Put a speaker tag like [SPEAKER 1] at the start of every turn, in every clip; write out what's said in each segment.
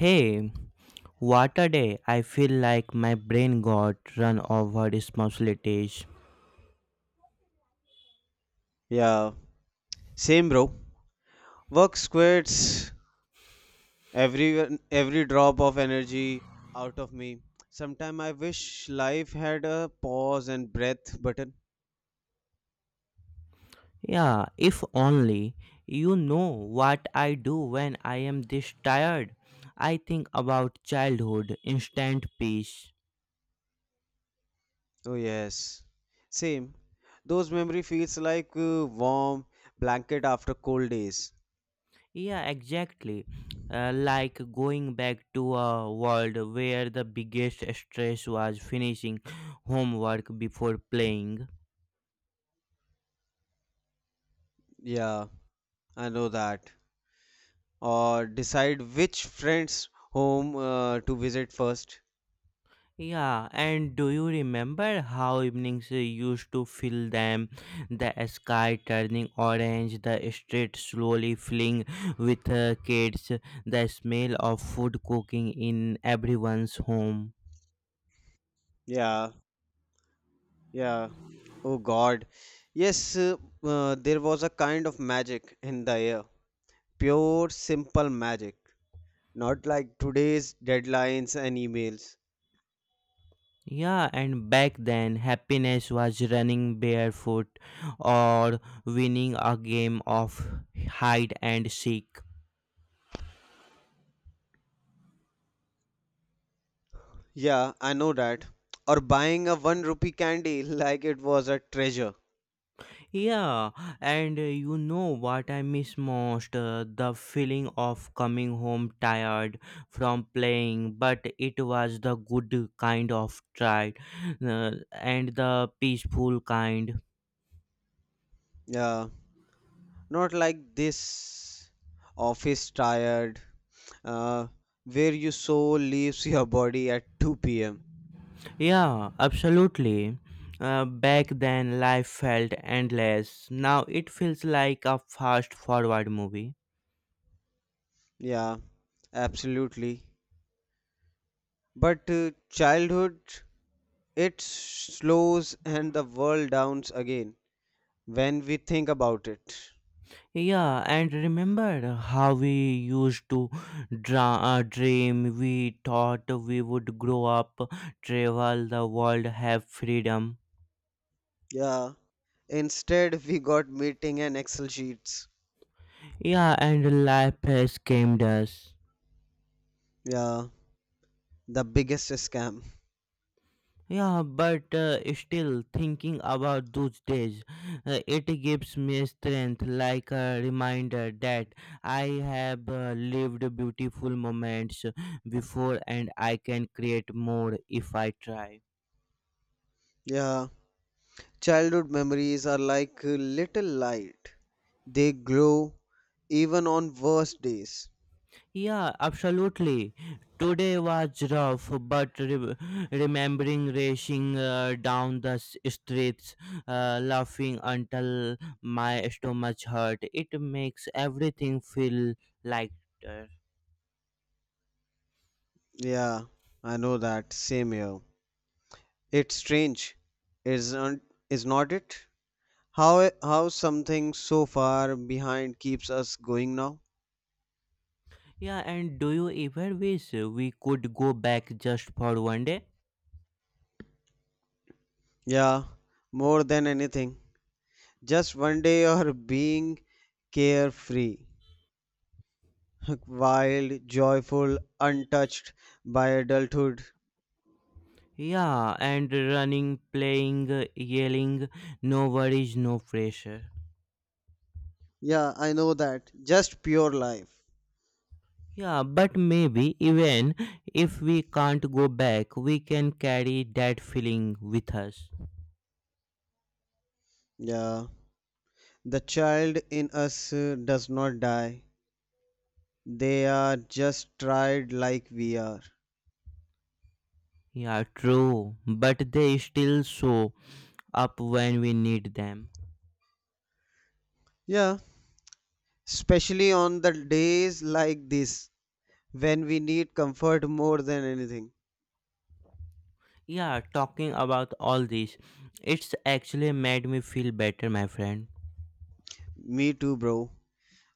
[SPEAKER 1] Hey, what a day. I feel like my brain got run over responsibilities.
[SPEAKER 2] Yeah, same bro. Work squirts every drop of energy out of me. Sometime I wish life had a pause and breath button.
[SPEAKER 1] Yeah, if only you know what I do when I am this tired. I think about childhood, instant peace.
[SPEAKER 2] Oh yes, same. Those memory feels like warm blanket after cold days.
[SPEAKER 1] Yeah, exactly. Like going back to a world where the biggest stress was finishing homework before playing.
[SPEAKER 2] Yeah, I know that. Or decide which friend's home to visit first.
[SPEAKER 1] Yeah, and do you remember how evenings used to fill them? The sky turning orange, the street slowly filling with kids, the smell of food cooking in everyone's home.
[SPEAKER 2] Yeah, yeah. Oh God. Yes, there was a kind of magic in the air. Pure, simple magic. Not like today's deadlines and emails.
[SPEAKER 1] Yeah, and back then happiness was running barefoot or winning a game of hide and seek.
[SPEAKER 2] Yeah, I know that. Or buying a one rupee candy like it was a treasure.
[SPEAKER 1] Yeah, and you know what I miss most? The feeling of coming home tired from playing, but it was the good kind of tired and the peaceful kind.
[SPEAKER 2] Yeah. Not like this office tired, uh, where your soul leaves your body at 2 p.m.
[SPEAKER 1] Yeah, absolutely. Back then, life felt endless. Now it feels like a fast forward movie.
[SPEAKER 2] Yeah, absolutely. But childhood, it slows and the world downs again when we think about it.
[SPEAKER 1] Yeah, and remember how we used to dream. We thought we would grow up, travel the world, have freedom.
[SPEAKER 2] Yeah, instead, we got meeting and Excel sheets,
[SPEAKER 1] Yeah, and life has scammed us.
[SPEAKER 2] yeah, the biggest scam.
[SPEAKER 1] Yeah, but still thinking about those days, it gives me strength like a reminder that I have lived beautiful moments before and I can create more if I try.
[SPEAKER 2] Yeah, childhood memories are like a little light. They glow even on worst days.
[SPEAKER 1] Yeah, absolutely. Today was rough, but remembering racing down the streets, laughing until my stomach hurt, it makes everything feel lighter.
[SPEAKER 2] Yeah, I know that. Same here. It's strange, isn't is not it? How something so far behind keeps us going now?
[SPEAKER 1] Yeah, and do you ever wish we could go back just for one day?
[SPEAKER 2] Yeah, more than anything. Just one day or being carefree, wild, joyful, untouched by adulthood.
[SPEAKER 1] Yeah, and running, playing, yelling, no worries, no pressure.
[SPEAKER 2] Yeah, I know that. Just pure life.
[SPEAKER 1] Yeah, but maybe even if we can't go back, we can carry that feeling with us.
[SPEAKER 2] Yeah. The child in us does not die. They are just tried like we are.
[SPEAKER 1] Yeah, true, but they still show up when we need them.
[SPEAKER 2] Yeah, especially on the days like this when we need comfort more than anything.
[SPEAKER 1] Yeah, talking about all this, it's actually made me feel better, my friend.
[SPEAKER 2] Me too, bro.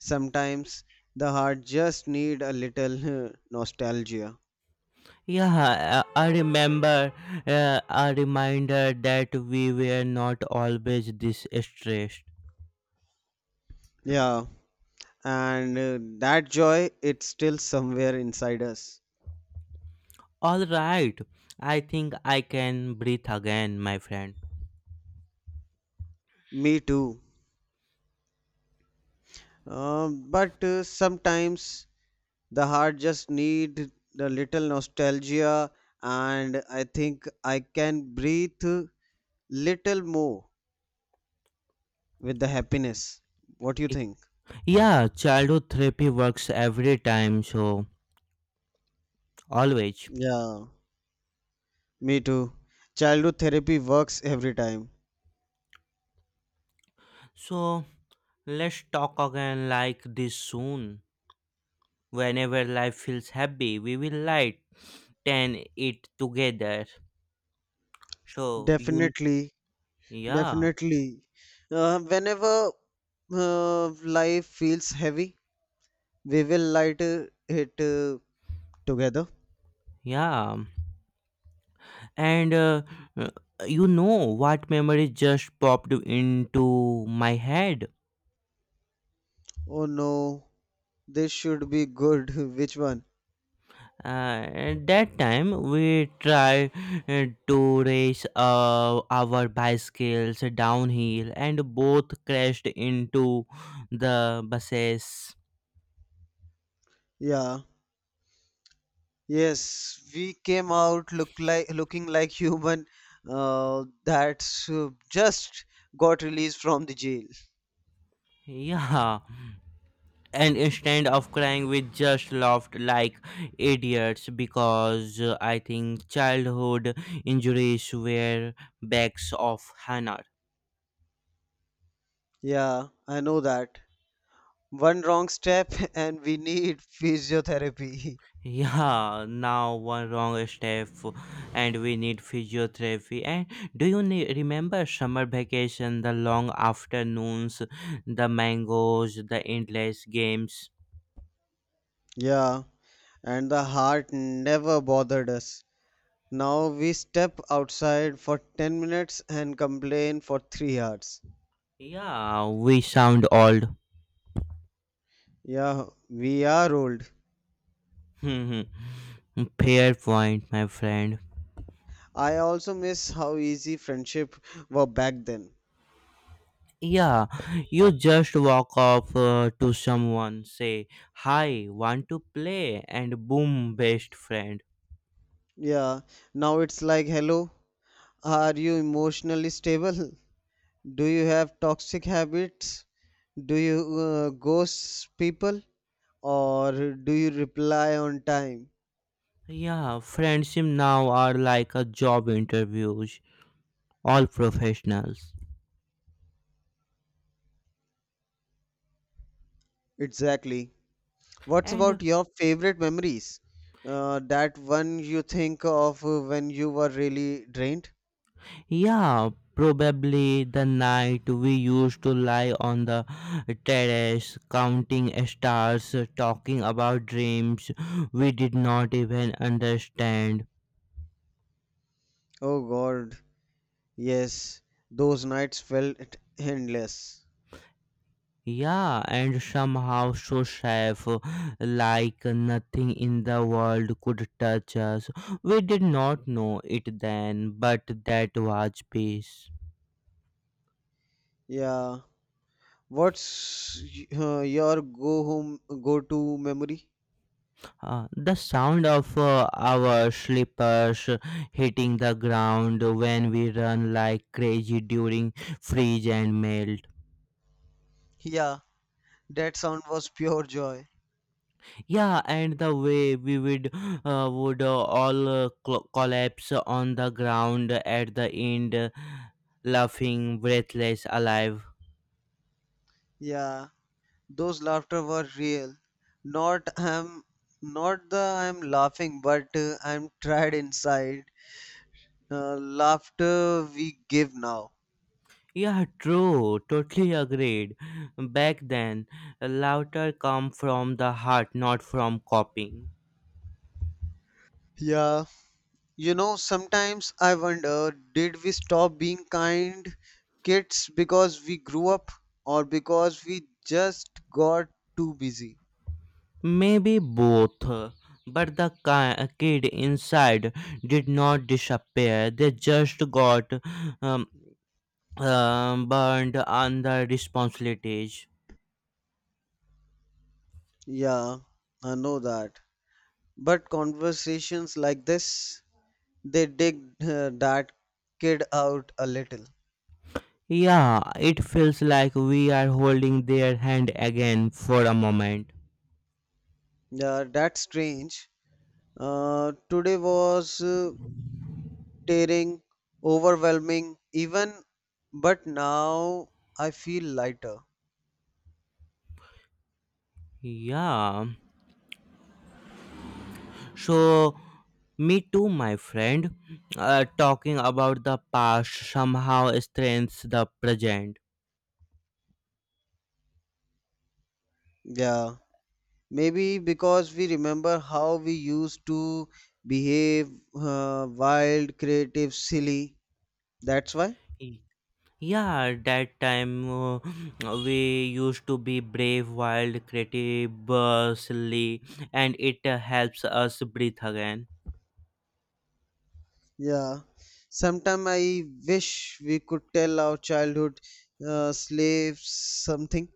[SPEAKER 2] Sometimes the heart just need a little nostalgia.
[SPEAKER 1] Yeah, I remember a reminder that we were not always this stressed.
[SPEAKER 2] Yeah, and that joy it's still somewhere inside us.
[SPEAKER 1] All right, I think I can breathe again, my friend.
[SPEAKER 2] Me too. But sometimes the heart just need the little nostalgia, and I think I can breathe little more with the happiness. What do you think?
[SPEAKER 1] Yeah, childhood therapy works every time, so always.
[SPEAKER 2] Yeah, me too. Childhood therapy works every time.
[SPEAKER 1] So let's talk again like this soon. Whenever life feels heavy, we will light ten it together. So you,
[SPEAKER 2] Definitely.
[SPEAKER 1] yeah,
[SPEAKER 2] Definitely. Whenever life feels heavy, we will light it together.
[SPEAKER 1] yeah, and uh, you know what memory just popped into my head?
[SPEAKER 2] Oh no, this should be good. Which one?
[SPEAKER 1] Uh, at that time we tried to race our bicycles downhill and both crashed into the buses.
[SPEAKER 2] Yeah. Yes, we came out look like looking like human that's just got released from the jail.
[SPEAKER 1] Yeah, and instead of crying we just laughed like idiots because I think childhood injuries were backs of hannah.
[SPEAKER 2] Yeah, I know that. One wrong step and we need physiotherapy.
[SPEAKER 1] Yeah, now one wrong step and we need physiotherapy. And do you remember summer vacation, the long afternoons, the mangoes, the endless games?
[SPEAKER 2] Yeah, and the heart never bothered us. Now we step outside for 10 minutes and complain for 3 hours.
[SPEAKER 1] Yeah, we sound old.
[SPEAKER 2] Yeah, we are old.
[SPEAKER 1] Fair point, my friend.
[SPEAKER 2] I also miss how easy friendship were back then.
[SPEAKER 1] Yeah, you just walk up to someone, say, "Hi, want to play?" And boom, best friend.
[SPEAKER 2] Yeah, now it's like hello, are you emotionally stable? Do you have toxic habits? Do you ghost people or do you reply on time?
[SPEAKER 1] Yeah, friendship now are like a job interviews. All professionals.
[SPEAKER 2] Exactly. What's
[SPEAKER 1] And
[SPEAKER 2] about your favorite memories? That one you think of when you were really drained?
[SPEAKER 1] yeah, probably the night we used to lie on the terrace counting stars, talking about dreams we did not even understand.
[SPEAKER 2] Oh God, yes, those nights felt endless.
[SPEAKER 1] Yeah, and somehow so safe, like nothing in the world could touch us. We did not know it then, but that was peace.
[SPEAKER 2] Yeah. What's your go home go to memory?
[SPEAKER 1] The sound of our slippers hitting the ground when we run like crazy during freeze and melt.
[SPEAKER 2] Yeah, that sound was pure joy.
[SPEAKER 1] Yeah, and the way we would all collapse on the ground at the end, laughing, breathless, alive.
[SPEAKER 2] Yeah, those laughter were real. Not I'm not the I'm laughing, but I'm tired inside. Uh, Laughter we give now.
[SPEAKER 1] Yeah, true. Totally agreed. Back then, laughter come from the heart, not from copying.
[SPEAKER 2] Yeah, you know, sometimes I wonder did we stop being kind kids because we grew up or because we just got too busy?
[SPEAKER 1] Maybe both, but the kid inside did not disappear. They just got um, burned under responsibilities.
[SPEAKER 2] Yeah, I know that. But conversations like this, they dig that kid out a little.
[SPEAKER 1] Yeah, it feels like we are holding their hand again for a moment.
[SPEAKER 2] Yeah, that's strange. Today was tearing, overwhelming, even, but now I feel lighter.
[SPEAKER 1] Yeah, so me too, my friend. Talking about the past somehow strengthens the present.
[SPEAKER 2] Yeah. Maybe because we remember how we used to behave wild, creative, silly. That's why.
[SPEAKER 1] Yeah, that time we used to be brave, wild, creative, silly, and it helps us breathe again.
[SPEAKER 2] Yeah. Sometime I wish we could tell our childhood slaves something.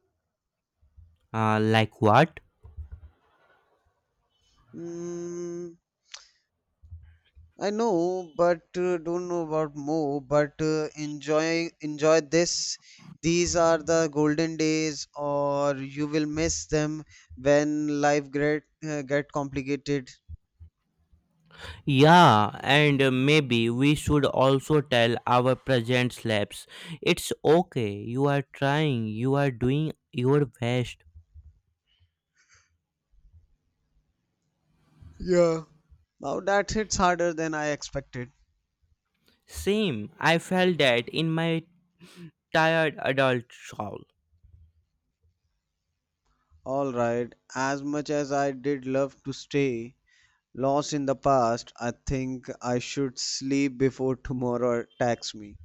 [SPEAKER 1] Like what?
[SPEAKER 2] Mm, I know, but don't know about more. But enjoy this. These are the golden days, or you will miss them when life get complicated.
[SPEAKER 1] Yeah, and maybe we should also tell our present slaves it's okay, you are trying, you are doing your best.
[SPEAKER 2] Yeah. Now that hits harder than I expected.
[SPEAKER 1] Same, I felt that in my tired adult self.
[SPEAKER 2] Alright, as much as I did love to stay lost in the past, I think I should sleep before tomorrow attacks me.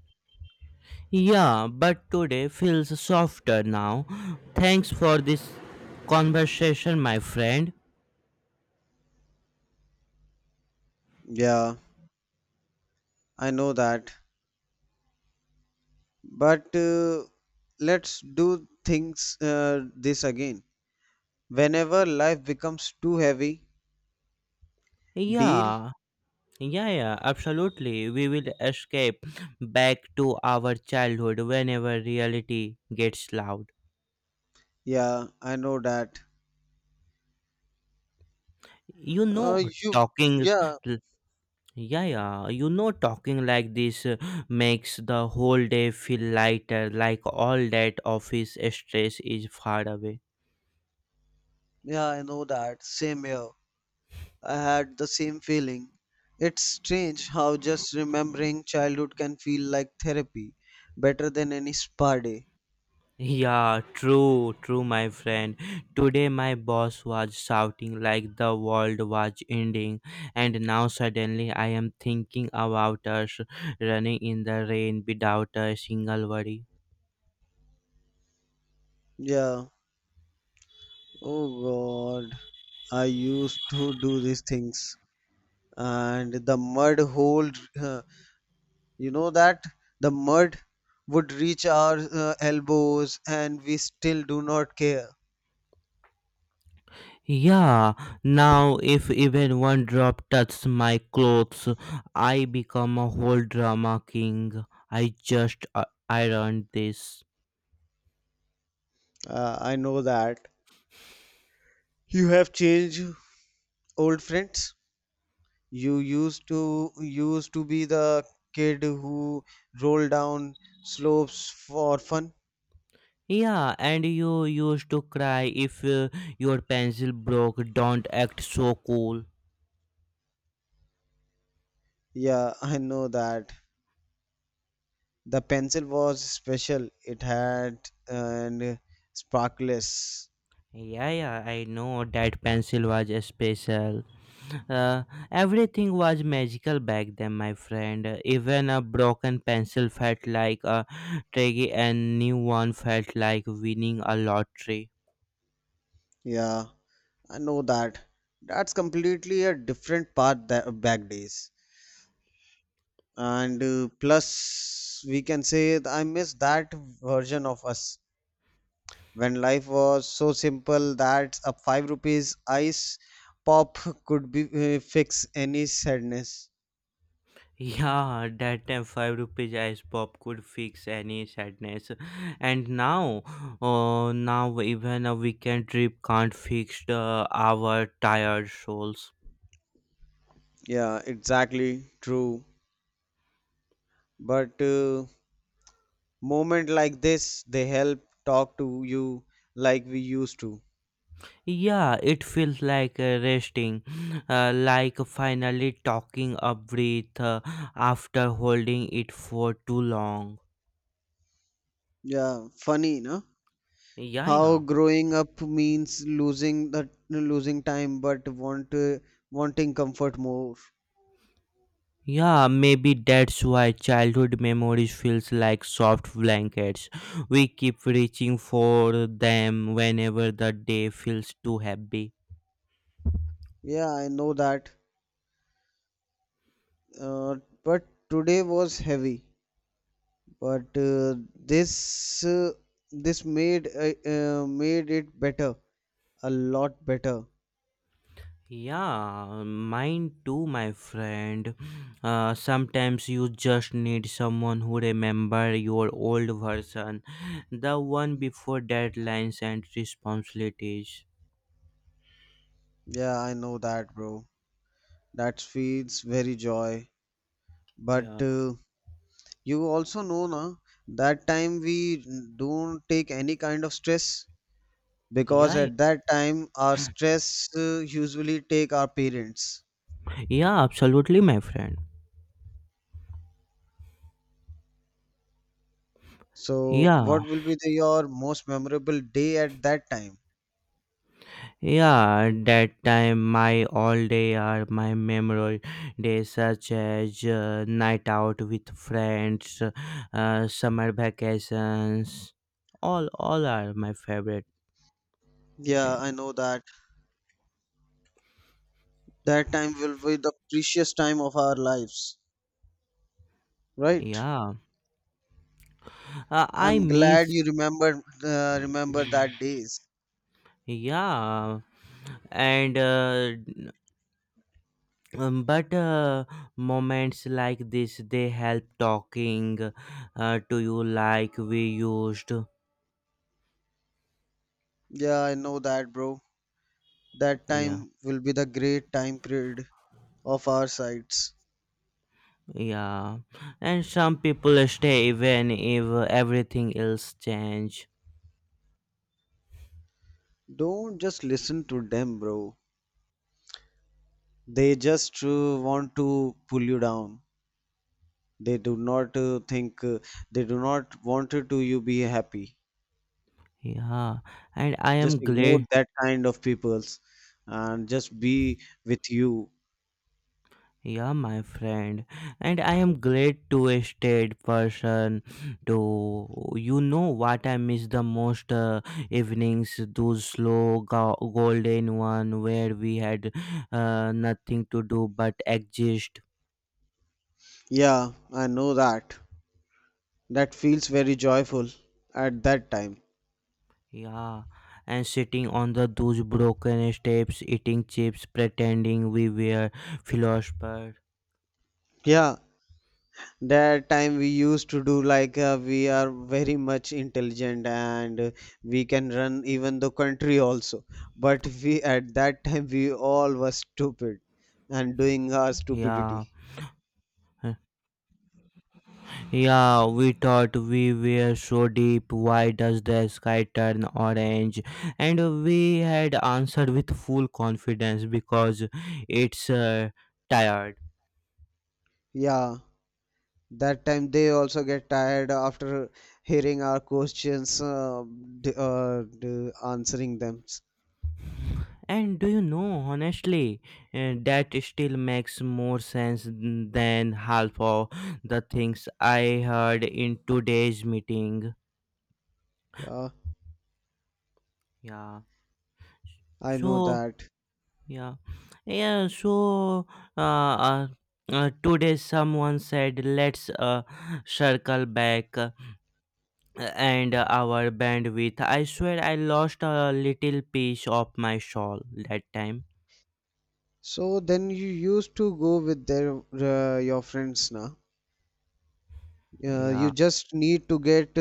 [SPEAKER 1] Yeah, but today feels softer now. Thanks for this conversation, my friend.
[SPEAKER 2] Yeah, I know that. But let's do things this again. Whenever life becomes too heavy, deal.
[SPEAKER 1] Yeah, yeah, yeah, absolutely. We will escape back to our childhood whenever reality gets loud.
[SPEAKER 2] Yeah, I know that.
[SPEAKER 1] You know,
[SPEAKER 2] Uh, you,
[SPEAKER 1] talking.
[SPEAKER 2] yeah,
[SPEAKER 1] l- Yeah, yeah, you know, talking like this makes the whole day feel lighter, like all that office stress is far away.
[SPEAKER 2] yeah, I know that. Same here. I had the same feeling. It's strange how just remembering childhood can feel like therapy, better than any spa day.
[SPEAKER 1] Yeah, true, true, my friend. Today, my boss was shouting like the world was ending, and now suddenly I am thinking about us running in the rain without a single worry.
[SPEAKER 2] Yeah. Oh God. I used to do these things, and the mud hole, uh, you know that the mud would reach our elbows, and we still do not care.
[SPEAKER 1] Yeah, now if even one drop touches my clothes, I become a whole drama king. I just ironed this.
[SPEAKER 2] I know that. You have changed old friends? You used to be the kid who rolled down slopes for fun.
[SPEAKER 1] Yeah, and you used to cry if your pencil broke. Don't act so cool.
[SPEAKER 2] Yeah, I know that. The pencil was special. It had and sparkless.
[SPEAKER 1] Yeah, yeah, I know that pencil was special. Uh, everything was magical back then, my friend. Even a broken pencil felt like a treasure, and new one felt like winning a lottery.
[SPEAKER 2] Yeah, I know that. That's completely a different part that back days. And plus, we can say I miss that version of us when life was so simple that a 5 rupees ice pop could be fix any sadness.
[SPEAKER 1] Yeah, that time five rupees ice pop could fix any sadness, and now, oh, now even a weekend trip can't fix the our tired souls.
[SPEAKER 2] Yeah, exactly true. But moment like this they help talk to you like we used to.
[SPEAKER 1] Yeah, it feels like resting, like finally talking a breath after holding it for too long.
[SPEAKER 2] Yeah, funny no
[SPEAKER 1] Yeah,
[SPEAKER 2] how
[SPEAKER 1] yeah.
[SPEAKER 2] growing up means losing time but wanting comfort more.
[SPEAKER 1] Yeah, maybe that's why childhood memories feels like soft blankets. We keep reaching for them whenever the day feels too heavy.
[SPEAKER 2] Yeah, I know that. Uh, but today was heavy, but this uh, this made it better, a lot better.
[SPEAKER 1] Yeah, mine too, my friend. Sometimes you just need someone who remember your old version, the one before deadlines and responsibilities.
[SPEAKER 2] Yeah, I know that, bro. That feels very joy, but
[SPEAKER 1] Yeah,
[SPEAKER 2] you also know na, that time we don't take any kind of stress because
[SPEAKER 1] yeah,
[SPEAKER 2] at that time our stress usually take our parents.
[SPEAKER 1] yeah, absolutely, my friend.
[SPEAKER 2] So
[SPEAKER 1] Yeah,
[SPEAKER 2] what will be the, your most memorable day at that time?
[SPEAKER 1] yeah, that time my all day are my memorable days such as night out with friends, summer vacations, all are my favorite
[SPEAKER 2] Yeah, I
[SPEAKER 1] time.
[SPEAKER 2] know that. That time will be the precious time of our lives, right?
[SPEAKER 1] Yeah, I
[SPEAKER 2] I'm glad
[SPEAKER 1] miss.
[SPEAKER 2] you remembered, remember that days.
[SPEAKER 1] Yeah, and but moments like this they help talking to you like we used.
[SPEAKER 2] Yeah, I know that, bro. That
[SPEAKER 1] Yeah,
[SPEAKER 2] time will be the great time period of our sides.
[SPEAKER 1] yeah, and some people stay even if everything else change.
[SPEAKER 2] Don't just listen to them, bro. They just want to pull you down. They do not think. They do not want to you be happy.
[SPEAKER 1] Yeah, and I
[SPEAKER 2] Just
[SPEAKER 1] am
[SPEAKER 2] ignore
[SPEAKER 1] glad.
[SPEAKER 2] that kind of peoples, and just be with you.
[SPEAKER 1] Yeah, my friend, and I am glad to a state person to you know what I miss the most evenings those slow golden one where we had nothing to do but exist.
[SPEAKER 2] Yeah, I know that. That feels very joyful at that time.
[SPEAKER 1] Yeah, and sitting on the those broken steps, eating chips, pretending we were philosophers.
[SPEAKER 2] Yeah, that time we used to do like we are very much intelligent and we can run even the country also. But we at that time we all were stupid and doing our
[SPEAKER 1] Yeah.
[SPEAKER 2] stupidity.
[SPEAKER 1] Yeah, we thought we were so deep. Why does the sky turn orange? And we had answered with full confidence because it's tired.
[SPEAKER 2] Yeah, that time they also get tired after hearing our questions, answering them.
[SPEAKER 1] And do you know, honestly, that still makes more sense than half of the things I heard in today's meeting.
[SPEAKER 2] Yeah,
[SPEAKER 1] Yeah.
[SPEAKER 2] I know
[SPEAKER 1] So,
[SPEAKER 2] that.
[SPEAKER 1] yeah, yeah. So, uh, uh, today someone said, "Let's circle back and our bandwidth." I swear, I lost a little piece of my soul that time.
[SPEAKER 2] So then you used to go with their your friends now.
[SPEAKER 1] Yeah,
[SPEAKER 2] You just need to get uh,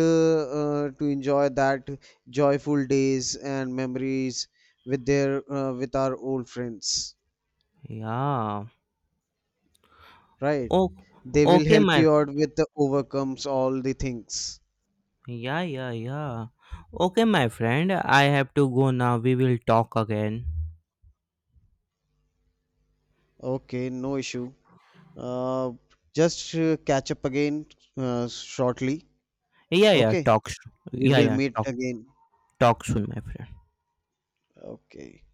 [SPEAKER 2] uh, to enjoy that joyful days and memories with their with our old friends,
[SPEAKER 1] yeah.
[SPEAKER 2] right?
[SPEAKER 1] Oh,
[SPEAKER 2] They will
[SPEAKER 1] okay,
[SPEAKER 2] help
[SPEAKER 1] my
[SPEAKER 2] you out with the overcomes all the things.
[SPEAKER 1] yeah, yeah, yeah. Okay, my friend. I have to go now. We will talk again.
[SPEAKER 2] Okay, no issue. Uh, just catch up again shortly.
[SPEAKER 1] Yeah, yeah.
[SPEAKER 2] Okay,
[SPEAKER 1] Talk.
[SPEAKER 2] we
[SPEAKER 1] Yeah,
[SPEAKER 2] will
[SPEAKER 1] yeah.
[SPEAKER 2] meet
[SPEAKER 1] Talk.
[SPEAKER 2] again.
[SPEAKER 1] Talk soon, my friend.
[SPEAKER 2] Okay.